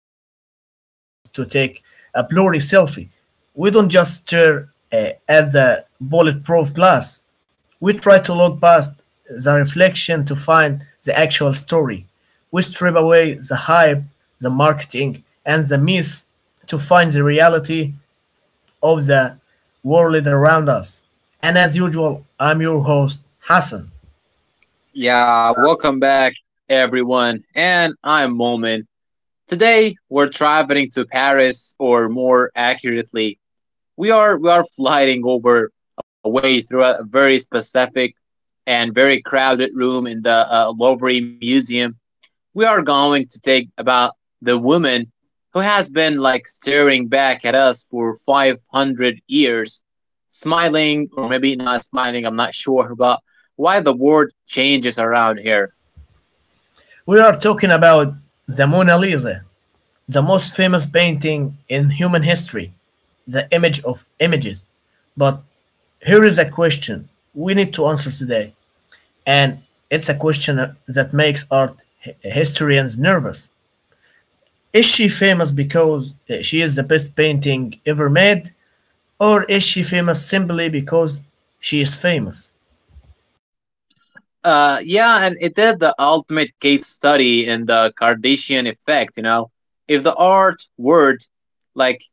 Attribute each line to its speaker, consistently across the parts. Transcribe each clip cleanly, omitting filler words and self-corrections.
Speaker 1: for 3 hours just to take a blurry selfie. We don't just stare at the bulletproof glass, we try to look past the reflection to find the actual story. We strip away the hype, the marketing, and the myth to find the reality of the world around us. And as usual, I'm your host, Hassan.
Speaker 2: Yeah, welcome back, everyone. And I'm Momin. Today we're traveling to Paris, or more accurately, we are flying over a way through a very specific and very crowded room in the Louvre Museum. We are going to take about the woman who has been like staring back at us for 500 years, smiling or maybe not smiling. I'm not sure about why the world changes around here.
Speaker 1: We are talking about the Mona Lisa, the most famous painting in human history, the image of images. But here is a question we need to answer today, and it's a question that makes art historians nervous. Is she famous because she is the best painting ever made, or is she famous simply because she is famous?
Speaker 2: Yeah, and it did the ultimate case study in the Kardashian effect, you know. If the art word, like,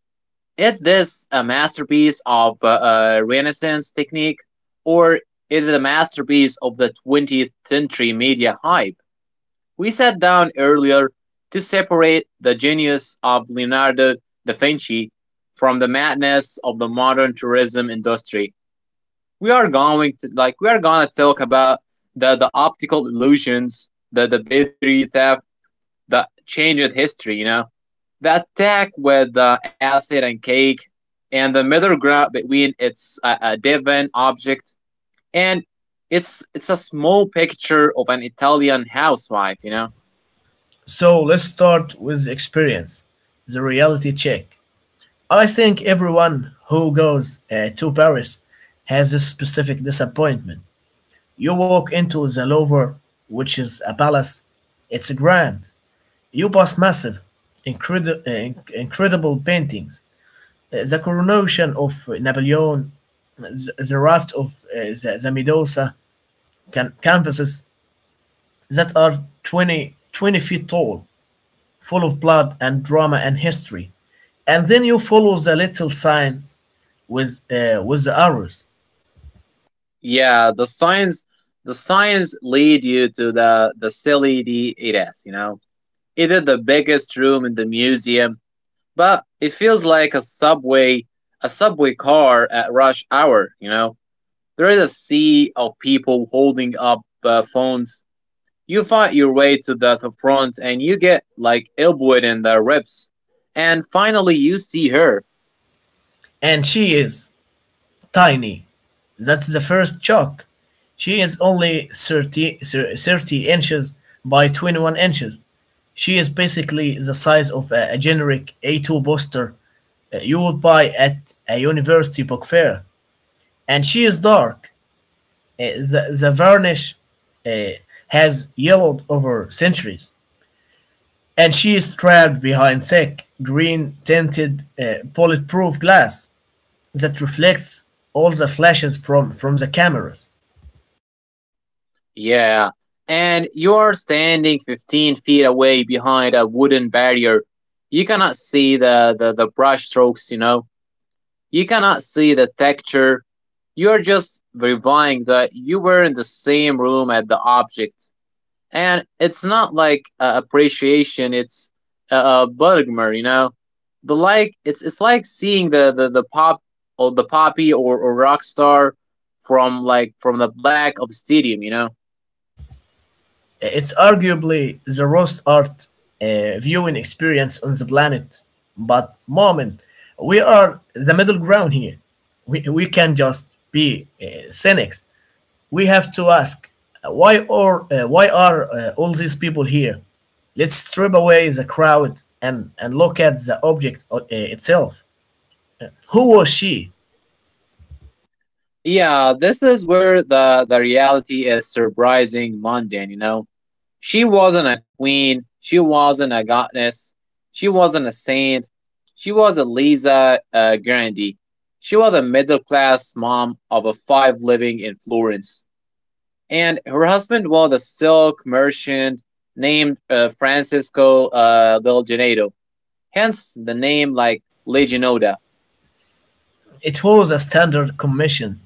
Speaker 2: is this a masterpiece of Renaissance technique, or is it a masterpiece of the 20th century media hype? We sat down earlier to separate the genius of Leonardo da Vinci from the madness of the modern tourism industry. We are going to like we are gonna talk about the optical illusions, the battery theft, the changed history. You know, the attack with the acid and cake, and the middle ground between its a Devon object and it's a small picture of an Italian housewife. You know,
Speaker 1: So let's start with experience, the reality check. I think everyone who goes to Paris has this specific disappointment. You walk into the Louvre, which is a palace, it's grand. You pass massive, incredible paintings. The coronation of Napoleon, the raft of the Medusa canvases that are 20 feet tall, full of blood and drama and history. And then you follow the little signs with with the arrows.
Speaker 2: yeah, the science lead you to the silly D it is. You know, either the biggest room in the museum, but it feels like a subway car at rush hour, you know. There is a sea of people holding up phones. You fight your way to the front and you get like elbowed in the ribs, and finally you see her.
Speaker 1: And she is tiny. That's the first shock. She is only 30 inches by 21 inches. She is basically the size of a generic A2 poster you would buy at a university book fair. And she is dark. The varnish uh, has yellowed over centuries. And she is trapped behind thick, green tinted, bulletproof glass that reflects all the flashes from the cameras.
Speaker 2: Yeah, and you are standing 15 feet away behind a wooden barrier. You cannot see the brush strokes, you know. You cannot see the texture. You're just verifying that you were in the same room at the object. And it's not like appreciation, it's a Bergmer, you know? The like it's like seeing the pop or the poppy, or rock star from like from the black of stadium, you know?
Speaker 1: It's arguably the worst art viewing experience on the planet. But, moment, we are the middle ground here. We can just be cynics. We have to ask why, or, why are all these people here? Let's strip away the crowd and look at the object itself. Who was she?
Speaker 2: Yeah, this is where the reality is surprising mundane, you know? She wasn't a queen. She wasn't a goddess. She wasn't a saint. She was a Lisa Grandi. She was a middle class mom of a five living in Florence. And her husband was a silk merchant named Francisco Del Genedo, hence the name like Legionoda.
Speaker 1: It was a standard commission.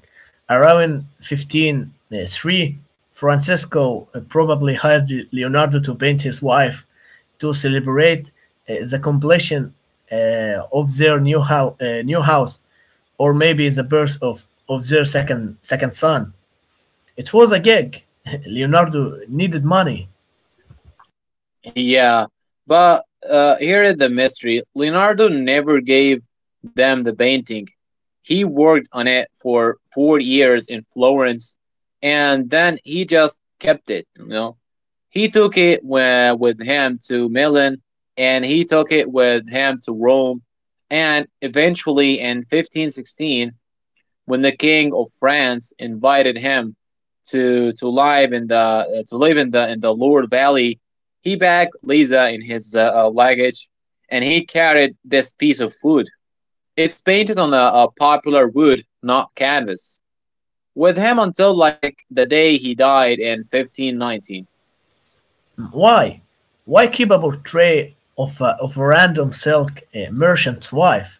Speaker 1: Around 1503, Francesco probably hired Leonardo to paint his wife to celebrate the completion of their new, new house, or maybe the birth of their second son. It was a gig. Leonardo needed money.
Speaker 2: Yeah, but here is the mystery. Leonardo never gave them the painting. He worked on it for 4 years in Florence, and then he just kept it. You know, he took it with him to Milan, and he took it with him to Rome, and eventually in 1516, when the king of France invited him to live in the Loire Valley, he bagged Lisa in his luggage, and he carried this piece of wood. It's painted on a popular wood, not canvas, with him until like the day he died in 1519.
Speaker 1: Why? Why keep a portrait of a random silk merchant's wife?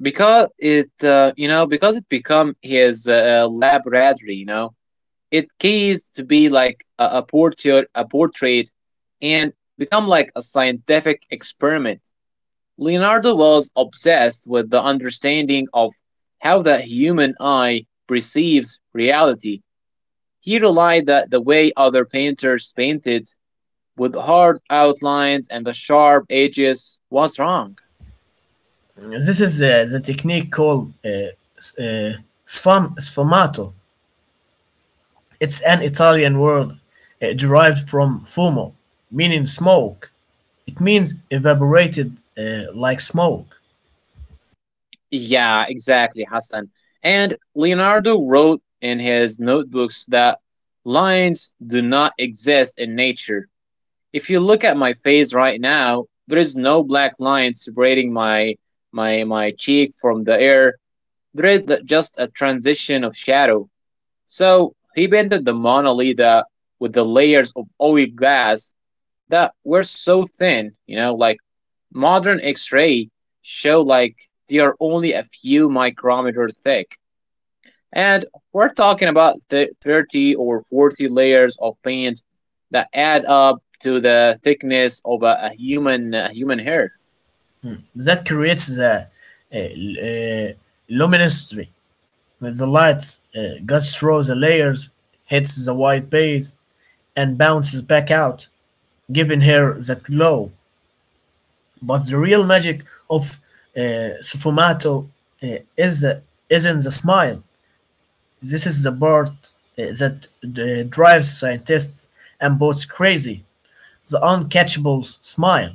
Speaker 2: Because it, you know, because it became his laboratory, you know, it keys to be like a portrait and become like a scientific experiment. Leonardo was obsessed with the understanding of how the human eye perceives reality. He relied that the way other painters painted with hard outlines and the sharp edges was wrong.
Speaker 1: This is the technique called s- uh, sfumato. It's an Italian word derived from fumo, meaning smoke. It means evaporated like smoke.
Speaker 2: Yeah, exactly, Hassan. And Leonardo wrote in his notebooks that lines do not exist in nature. If you look at my face right now, there is no black line separating my cheek from the air. There is just a transition of shadow. So he painted the Mona Lisa with the layers of oil glass that were so thin, you know, like modern X ray show like they are only a few micrometers thick. And we're talking about 30 or 40 layers of paint that add up to the thickness of a human hair.
Speaker 1: That creates the uh, l- uh, luminosity. The light goes through the layers, hits the white base, and bounces back out, giving her that glow. But the real magic of uh, sfumato uh, is the, isn't the smile. This is the part that drives scientists and boats crazy, the uncatchable smile.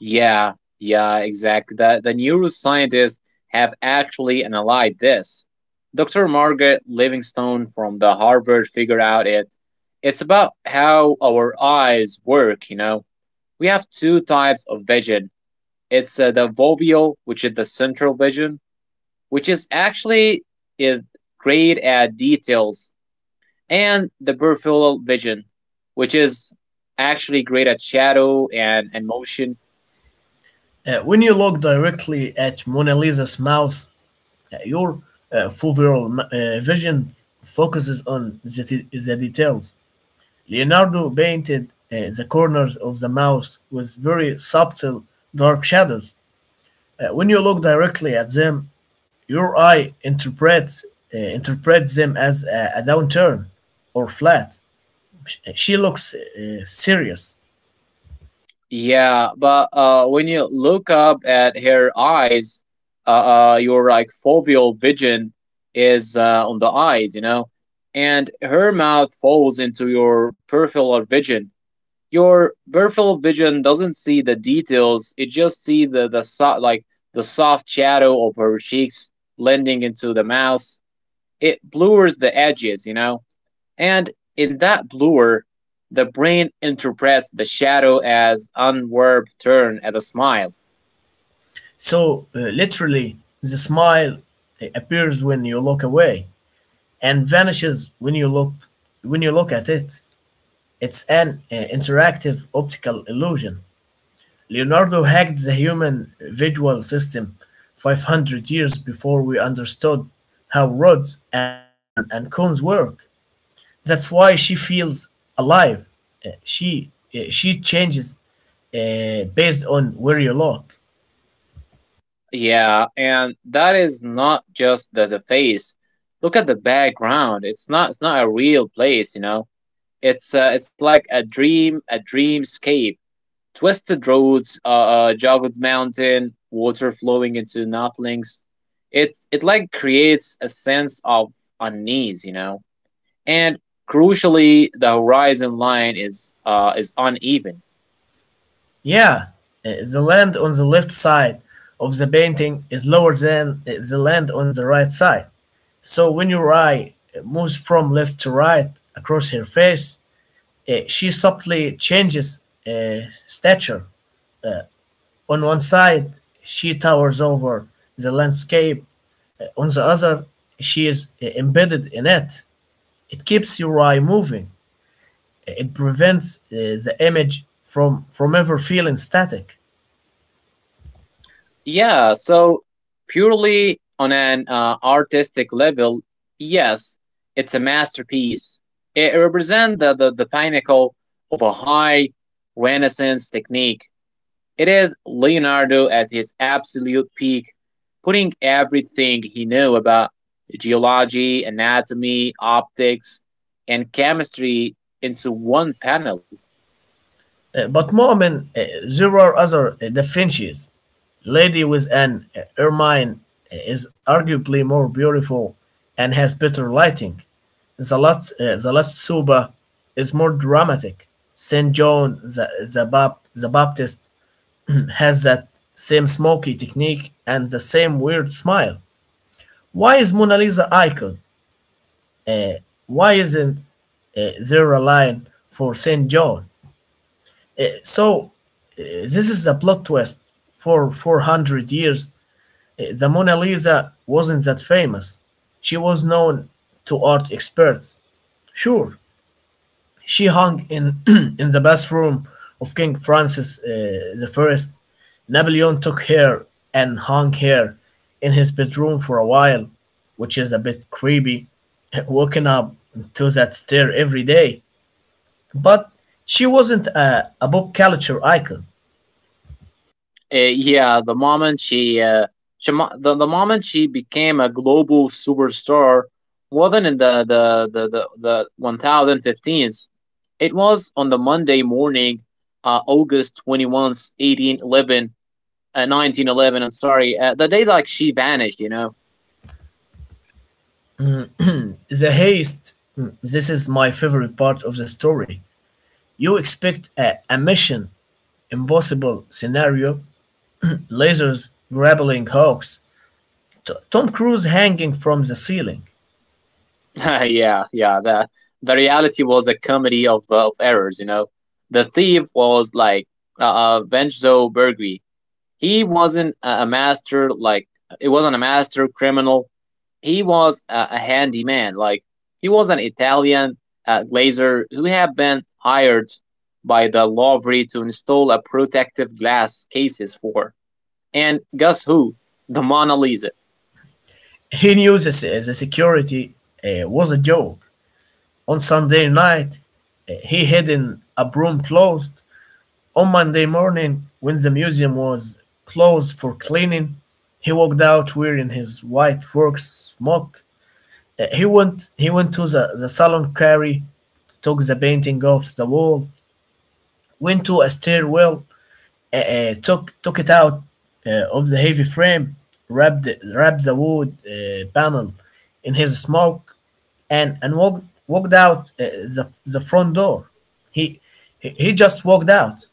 Speaker 2: Yeah, yeah, exactly. The neuroscientists have actually analyzed this. Dr. Margaret Livingstone from the Harvard figured out it. It's about how our eyes work, you know. We have two types of vision. It's the foveal, which is the central vision, which is actually is great at details, and the peripheral vision, which is actually great at shadow and motion.
Speaker 1: When you look directly at Mona Lisa's mouth, your foveal vision focuses on the details. Leonardo painted the corners of the mouth with very subtle dark shadows. When you look directly at them, your eye interprets them as a downturn or flat. She looks serious.
Speaker 2: Yeah, but when you look up at her eyes, your like foveal vision is on the eyes, you know, and her mouth falls into your peripheral vision. Your peripheral vision doesn't see the details, it just see like the soft shadow of her cheeks blending into the mouse. It blurs the edges, you know. And in that blur, the brain interprets the shadow as unwarped turn at a smile.
Speaker 1: So literally, the smile appears when you look away and vanishes when you look at it. It's an interactive optical illusion. Leonardo hacked the human visual system 500 years before we understood how rods and cones work. That's why she feels alive. Uh, She she changes based on where you look.
Speaker 2: Yeah, and that is not just the face. Look at the background. It's not, it's not a real place, you know. It's it's like a dream, a dreamscape. Twisted roads, jagged mountain, water flowing into nothings. It like creates a sense of unease, you know. And crucially, the horizon line is uneven.
Speaker 1: Yeah, the land on the left side of the painting is lower than the land on the right side. So when your eye moves from left to right across her face, she subtly changes uh, stature. On one side, she towers over the landscape. On the other, she is embedded in it. It keeps your eye moving. It prevents the image from ever feeling static.
Speaker 2: Yeah, so purely on an artistic level, yes, it's a masterpiece. It represents the pinnacle of a high Renaissance technique. It is Leonardo at his absolute peak, putting everything he knew about geology, anatomy, optics, and chemistry into one panel.
Speaker 1: But Mu'min, there are other Da Vinci's. Lady with an ermine is arguably more beautiful and has better lighting. The last Suba is more dramatic. St. John the Baptist has that same smoky technique and the same weird smile. Why is Mona Lisa icon? Uh, why isn't zero line for Saint John? So this is the plot twist. For 400 years, the Mona Lisa wasn't that famous. She was known to art experts. Sure, she hung in in the bathroom of King Francis the First. Napoleon took her and hung her in his bedroom for a while, which is a bit creepy. Waking up to that stare every day. But she wasn't a pop culture icon.
Speaker 2: Yeah, the moment she the moment she became a global superstar wasn't in the 1015s. It was on the Monday morning, August 21st, 1811, 1911. I'm sorry. The day like she vanished, you know.
Speaker 1: Mm, the haste, this is my favorite part of the story. You expect a mission impossible scenario, lasers grappling hooks, Tom Cruise hanging from the ceiling.
Speaker 2: Yeah. The reality was a comedy of errors, you know. The thief was like Venzo Bergri. He wasn't a master like it wasn't a master criminal. He was a handyman. Like he was an Italian glazer who had been hired by the Louvre to install a protective glass cases for. And guess who? The Mona Lisa.
Speaker 1: He knew the security was a joke. On Sunday night, he hid in a room closed. On Monday morning, when the museum was closed for cleaning, he walked out wearing his white work smock. He went to the salon quarry, took the painting off the wall, went to a stairwell, took it out of the heavy frame, wrapped wrapped the wood panel in his smock, and walked out the front door. He he just walked out.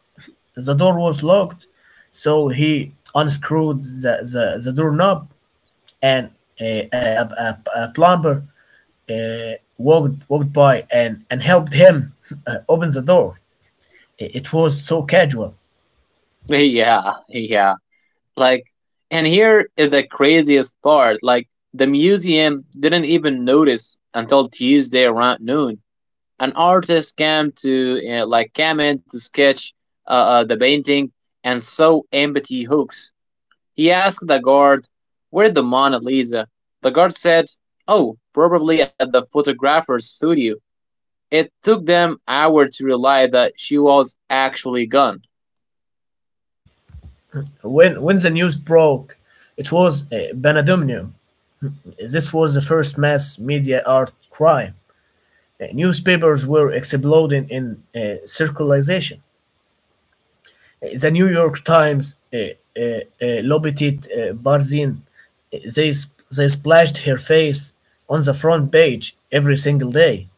Speaker 1: The door was locked, so he unscrewed the doorknob and a plumber uh, walked by and helped him open the door. It was so casual.
Speaker 2: Yeah. Like, and here is the craziest part. Like, the museum didn't even notice until Tuesday around noon. An artist came to, came in to sketch the painting and saw empty hooks. He asked the guard, "Where the Mona Lisa?" The guard said, "Oh, probably at the photographer's studio." It took them hours to realize that she was actually gone.
Speaker 1: When the news broke, it was Benadumnium. This was the first mass media art crime. Newspapers were exploding in circulation. The New York Times lobbied Barzin. They splashed her face on the front page every single day.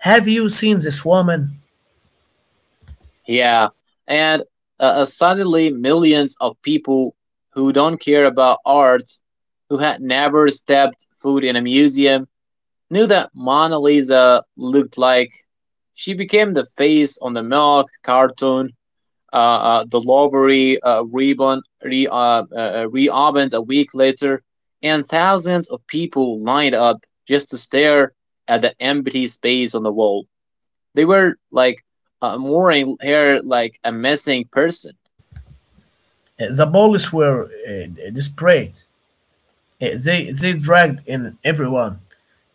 Speaker 1: Have you seen this woman?
Speaker 2: Yeah, and suddenly millions of people who don't care about art, who had never stepped foot in a museum, knew that Mona Lisa looked like. She became the face on the milk cartoon. Uh, the Lovery ribbon reopened a week later, and thousands of people lined up just to stare at the empty space on the wall. They were like mooring her like a missing person.
Speaker 1: The police were desperate. They dragged in everyone.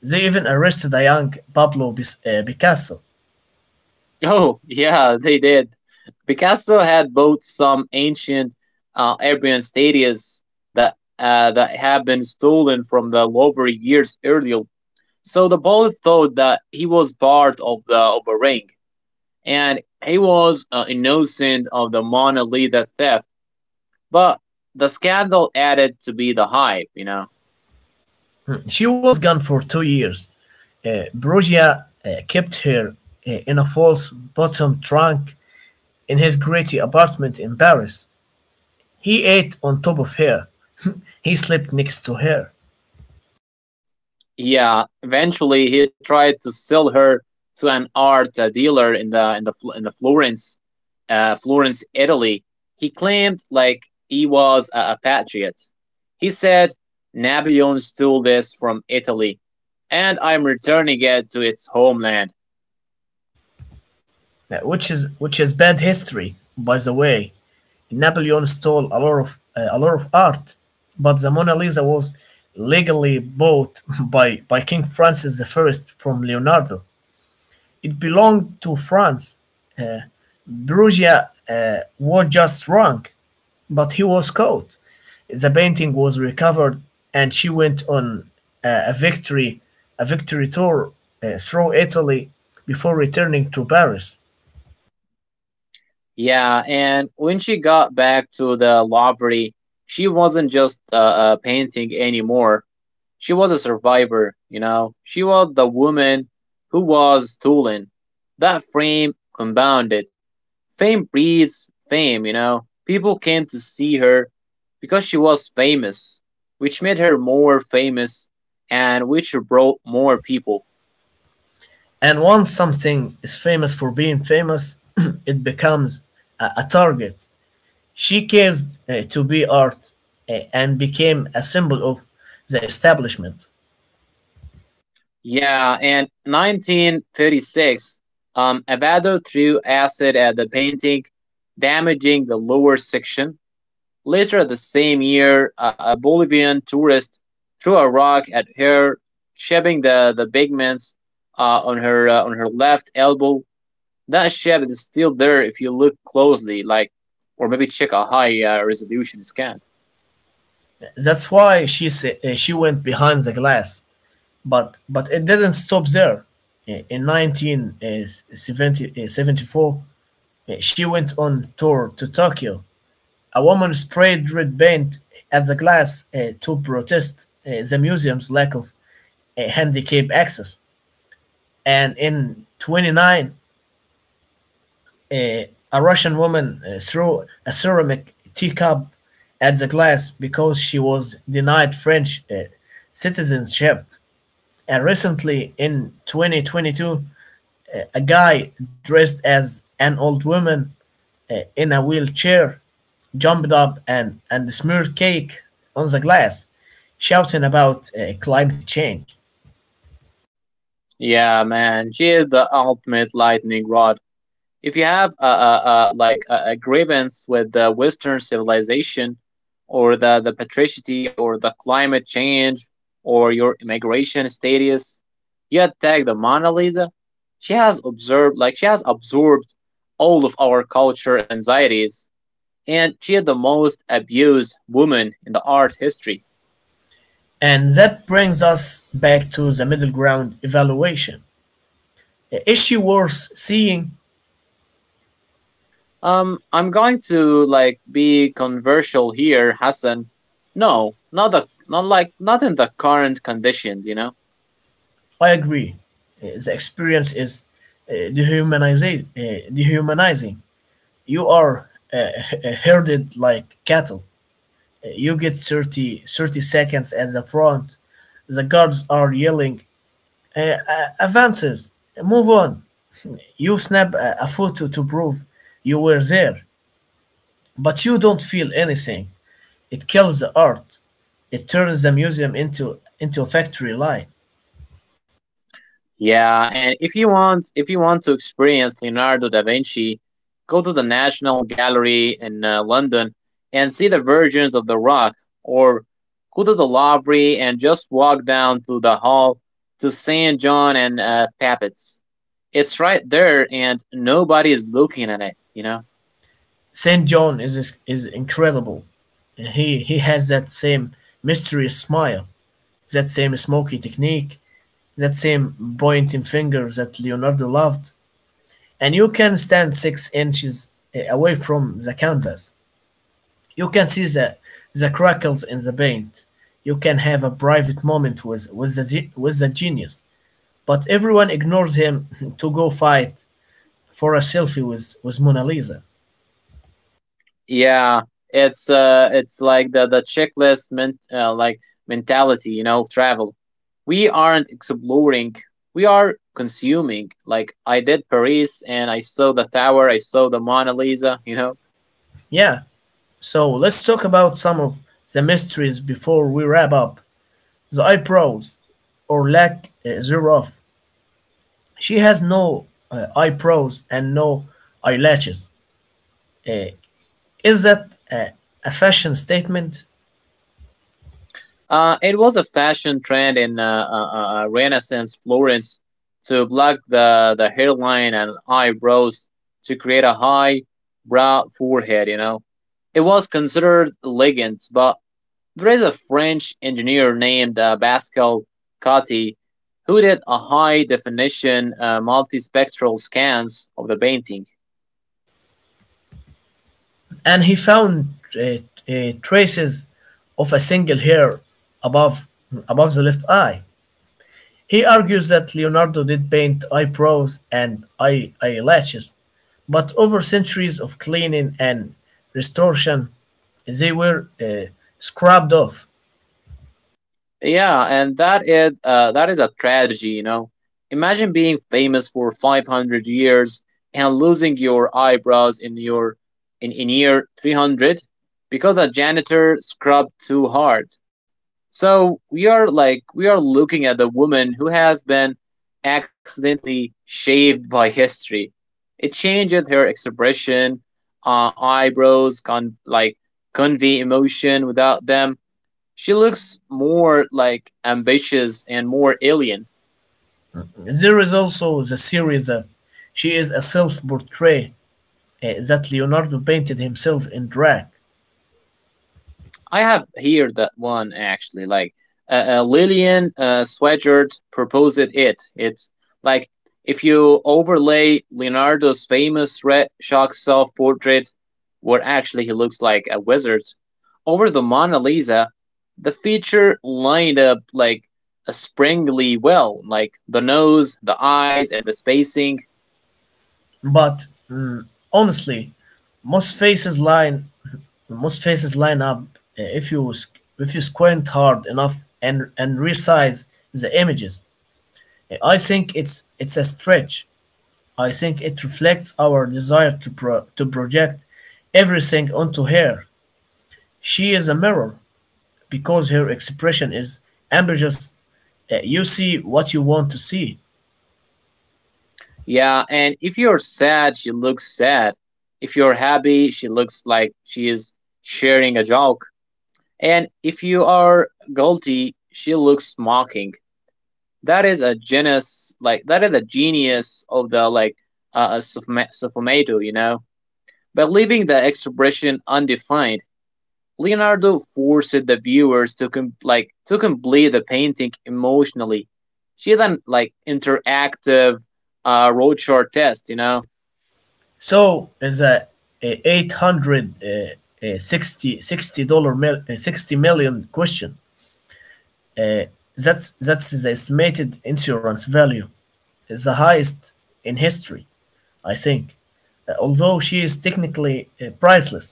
Speaker 1: They even arrested a young Pablo Picasso.
Speaker 2: Oh, yeah, they did. Picasso had bought some ancient Arabian statues that had been stolen from the Louvre years earlier. So the boy thought that he was part of the of a ring, and he was innocent of the Mona Lisa theft. But the scandal added to be the hype, you know.
Speaker 1: She was gone for 2 years. Brugia kept her in a false bottom trunk in his gritty apartment in Paris. He ate on top of her. He slept next to her,
Speaker 2: Yeah, eventually he tried to sell her to an art dealer in the Florence, Florence, Italy. He claimed like he was a patriot. He said Napoleon stole this from Italy, and I'm returning it to its homeland.
Speaker 1: which is bad history, by the way. Napoleon stole a lot of art, but the Mona Lisa was legally bought by King Francis I from Leonardo. It belonged to France. Uh, Perugia was just wrong. But he was caught. The painting was recovered, and she went on uh, a victory a victory tour through Italy before returning to Paris.
Speaker 2: Yeah, and when she got back to the Louvre, she wasn't just a painting anymore. She was a survivor, you know. She was the woman who was stolen. That frame compounded. Fame breeds fame, you know. People came to see her because she was famous, which made her more famous and which brought more people.
Speaker 1: And once something is famous for being famous, it becomes a target. She cares to be art and became a symbol of the establishment.
Speaker 2: Yeah, and 1936, a Avado threw acid at the painting, damaging the lower section. Later the same year, a Bolivian tourist threw a rock at her, shaping the pigments on her left elbow. That shape is still there if you look closely, like, or maybe check a high resolution scan.
Speaker 1: That's why she went behind the glass. But it didn't stop there. In 1974, she went on tour to Tokyo. A woman sprayed red paint at the glass to protest the museum's lack of handicap access. And in 29, uh, a Russian woman threw a ceramic teacup at the glass because she was denied French citizenship. And recently, in 2022, a guy dressed as an old woman in a wheelchair jumped up and smeared cake on the glass, shouting about climate change.
Speaker 2: Yeah, man, she is the ultimate lightning rod if you have a grievance with the Western civilization, or the patricity, or the climate change, or your immigration status, you attack the Mona Lisa. She has observed, like, she has absorbed, all of our culture anxieties, and she is the most abused woman in the art history.
Speaker 1: And that brings us back to the middle ground evaluation. Is she worth seeing?
Speaker 2: I'm going to like be controversial here, Hassan. No, not the not like not in the current conditions, you know.
Speaker 1: I agree. The experience is dehumanizing. You are herded like cattle. You get 30 seconds at the front. The guards are yelling, advances, move on." You snap a photo to prove you were there, but you don't feel anything. It kills the art. It turns the museum into a factory line.
Speaker 2: Yeah, and if you want to experience Leonardo da Vinci, go to the National Gallery in London and see the versions of the rock, or go to the Louvre and just walk down to the hall to St. John and Papitz. It's right there and nobody is looking at it, you know?
Speaker 1: Saint John is incredible. He has that same mysterious smile, that same smoky technique, that same pointing finger that Leonardo loved. And you can stand 6 inches away from the canvas. You can see the crackles in the paint. You can have a private moment with the genius. But everyone ignores him to go fight for a selfie with Mona Lisa.
Speaker 2: Yeah, it's like the checklist ment like mentality, you know, of travel. We aren't exploring; we are consuming. Like I did Paris, and I saw the tower, I saw the Mona Lisa. You know,
Speaker 1: Yeah, so let's talk about some of the mysteries before we wrap up. The eyebrows, or lack thereof. She has no eyebrows and no eyelashes. Uh, Is that a fashion statement?
Speaker 2: it was a fashion trend in Renaissance Florence to block the hairline and eyebrows to create a high brow forehead. You know, it was considered elegant, but there is a French engineer named Pascal Coty who did a high definition multispectral scans of the painting.
Speaker 1: And he found uh, traces of a single hair above, above the left eye. He argues that Leonardo did paint eyebrows and eyelashes, but over centuries of cleaning and restoration, they were scrubbed off.
Speaker 2: Yeah, and that is a tragedy, you know. Imagine being famous for 500 years and losing your eyebrows in your in year 300 because a janitor scrubbed too hard. So we are looking at the woman who has been accidentally shaved by history. It changes her expression, eyebrows, convey emotion without them she looks more like ambitious and more alien.
Speaker 1: There is also the theory that she is a self portrait that Leonardo painted himself in drag.
Speaker 2: I have here that one actually. Like Lillian Swagert proposed it. It's like if you overlay Leonardo's famous red chalk self-portrait, where actually he looks like a wizard, over the Mona Lisa, the feature lined up like a springly well, like the nose, the eyes, and the spacing.
Speaker 1: But honestly, most faces line most faces line up uh, if you s- if you squint hard enough and resize the images. I think it's a stretch. I think it reflects our desire to project everything onto her. She is a mirror because her expression is ambiguous. You see what you want to see.
Speaker 2: Yeah, and if you're sad, she looks sad. If you're happy, she looks like she is sharing a joke. And if you are guilty, she looks mocking. That is a genius, like that is the genius of the suffumato, you know. By leaving the expression undefined, Leonardo forced the viewers to complete the painting emotionally. She then like interactive road chart test, you know.
Speaker 1: So the eight hundred dollars mil, 60 million question, uh, that's the estimated insurance value. It's the highest in history, I think. Although she is technically priceless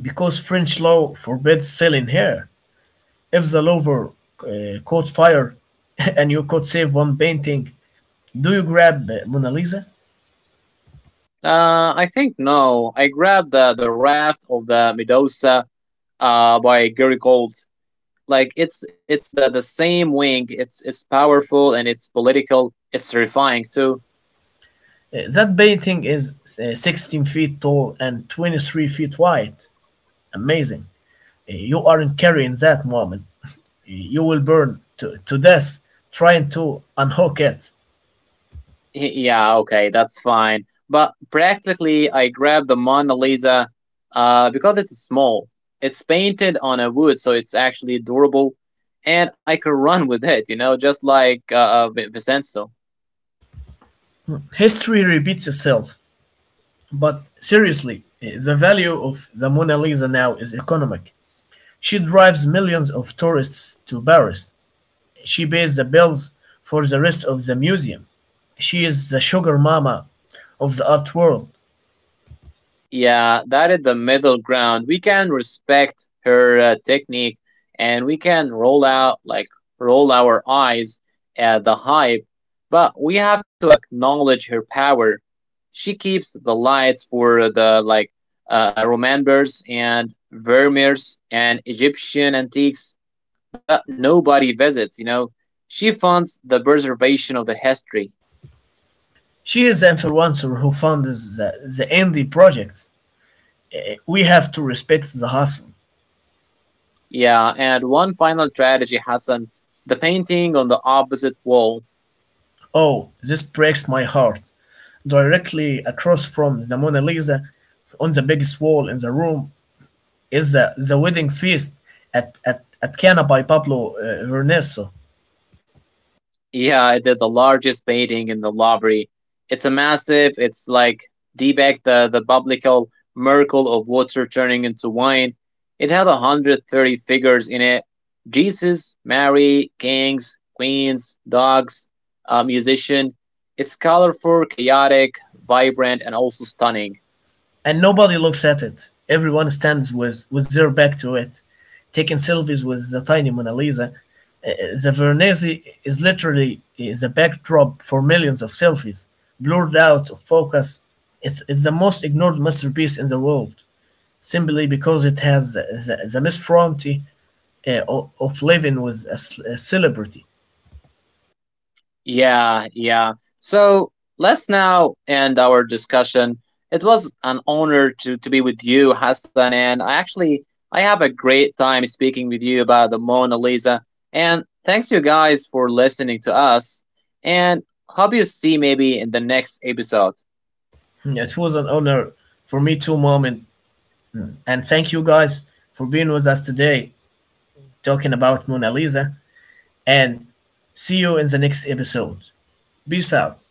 Speaker 1: because French law forbids selling her. If the lover caught fire and you could save one painting, do you grab Mona Lisa?
Speaker 2: I think no. I grabbed the Raft of the Medusa by Gary Gold. Like it's the same wing. It's powerful and it's political. It's terrifying too.
Speaker 1: That painting is 16 feet tall and 23 feet wide. Amazing. You aren't carrying that moment. You will burn to death trying to unhook it.
Speaker 2: Yeah, okay, that's fine. But practically, I grabbed the Mona Lisa because it's small. It's painted on a wood, so it's actually durable, and I could run with it. You know, just like Vincenzo.
Speaker 1: History repeats itself. But seriously, the value of the Mona Lisa now is economic. She drives millions of tourists to Paris. She pays the bills for the rest of the museum. She is the sugar mama of the art world.
Speaker 2: Yeah, that is the middle ground. We can respect her technique and we can roll out, like, roll our eyes at the hype, but we have to acknowledge her power. She keeps the lights for the, like, Romanbers and Vermeers and Egyptian antiques that nobody visits, you know. She funds the preservation of the history.
Speaker 1: She is the influencer who funds the indie projects. We have to respect the hustle.
Speaker 2: Yeah, and one final tragedy, Hassan. The painting on the opposite wall.
Speaker 1: Oh, this breaks my heart. Directly across from the Mona Lisa, on the biggest wall in the room, is the wedding feast at Cana by Pablo Vernesso.
Speaker 2: Yeah, the largest painting in the Louvre. It's a massive, it's like Deepak, the biblical miracle of water turning into wine. It had 130 figures in it Jesus, Mary, kings, queens, dogs, a musician. It's colorful, chaotic, vibrant, and also stunning.
Speaker 1: And nobody looks at it. Everyone stands with their back to it, taking selfies with the tiny Mona Lisa. Uh, the Veronese is literally the backdrop for millions of selfies, blurred out of focus. It's the most ignored masterpiece in the world, simply because it has the misfronty of living with a celebrity.
Speaker 2: Yeah, yeah. So let's now end our discussion. It was an honor to be with you, Hassan, and I actually I have a great time speaking with you about the Mona Lisa. And thanks you guys for listening to us. And hope you see maybe in the next episode.
Speaker 1: It was an honor for me too, mom, and thank you guys for being with us today talking about Mona Lisa. And see you in the next episode. Peace out.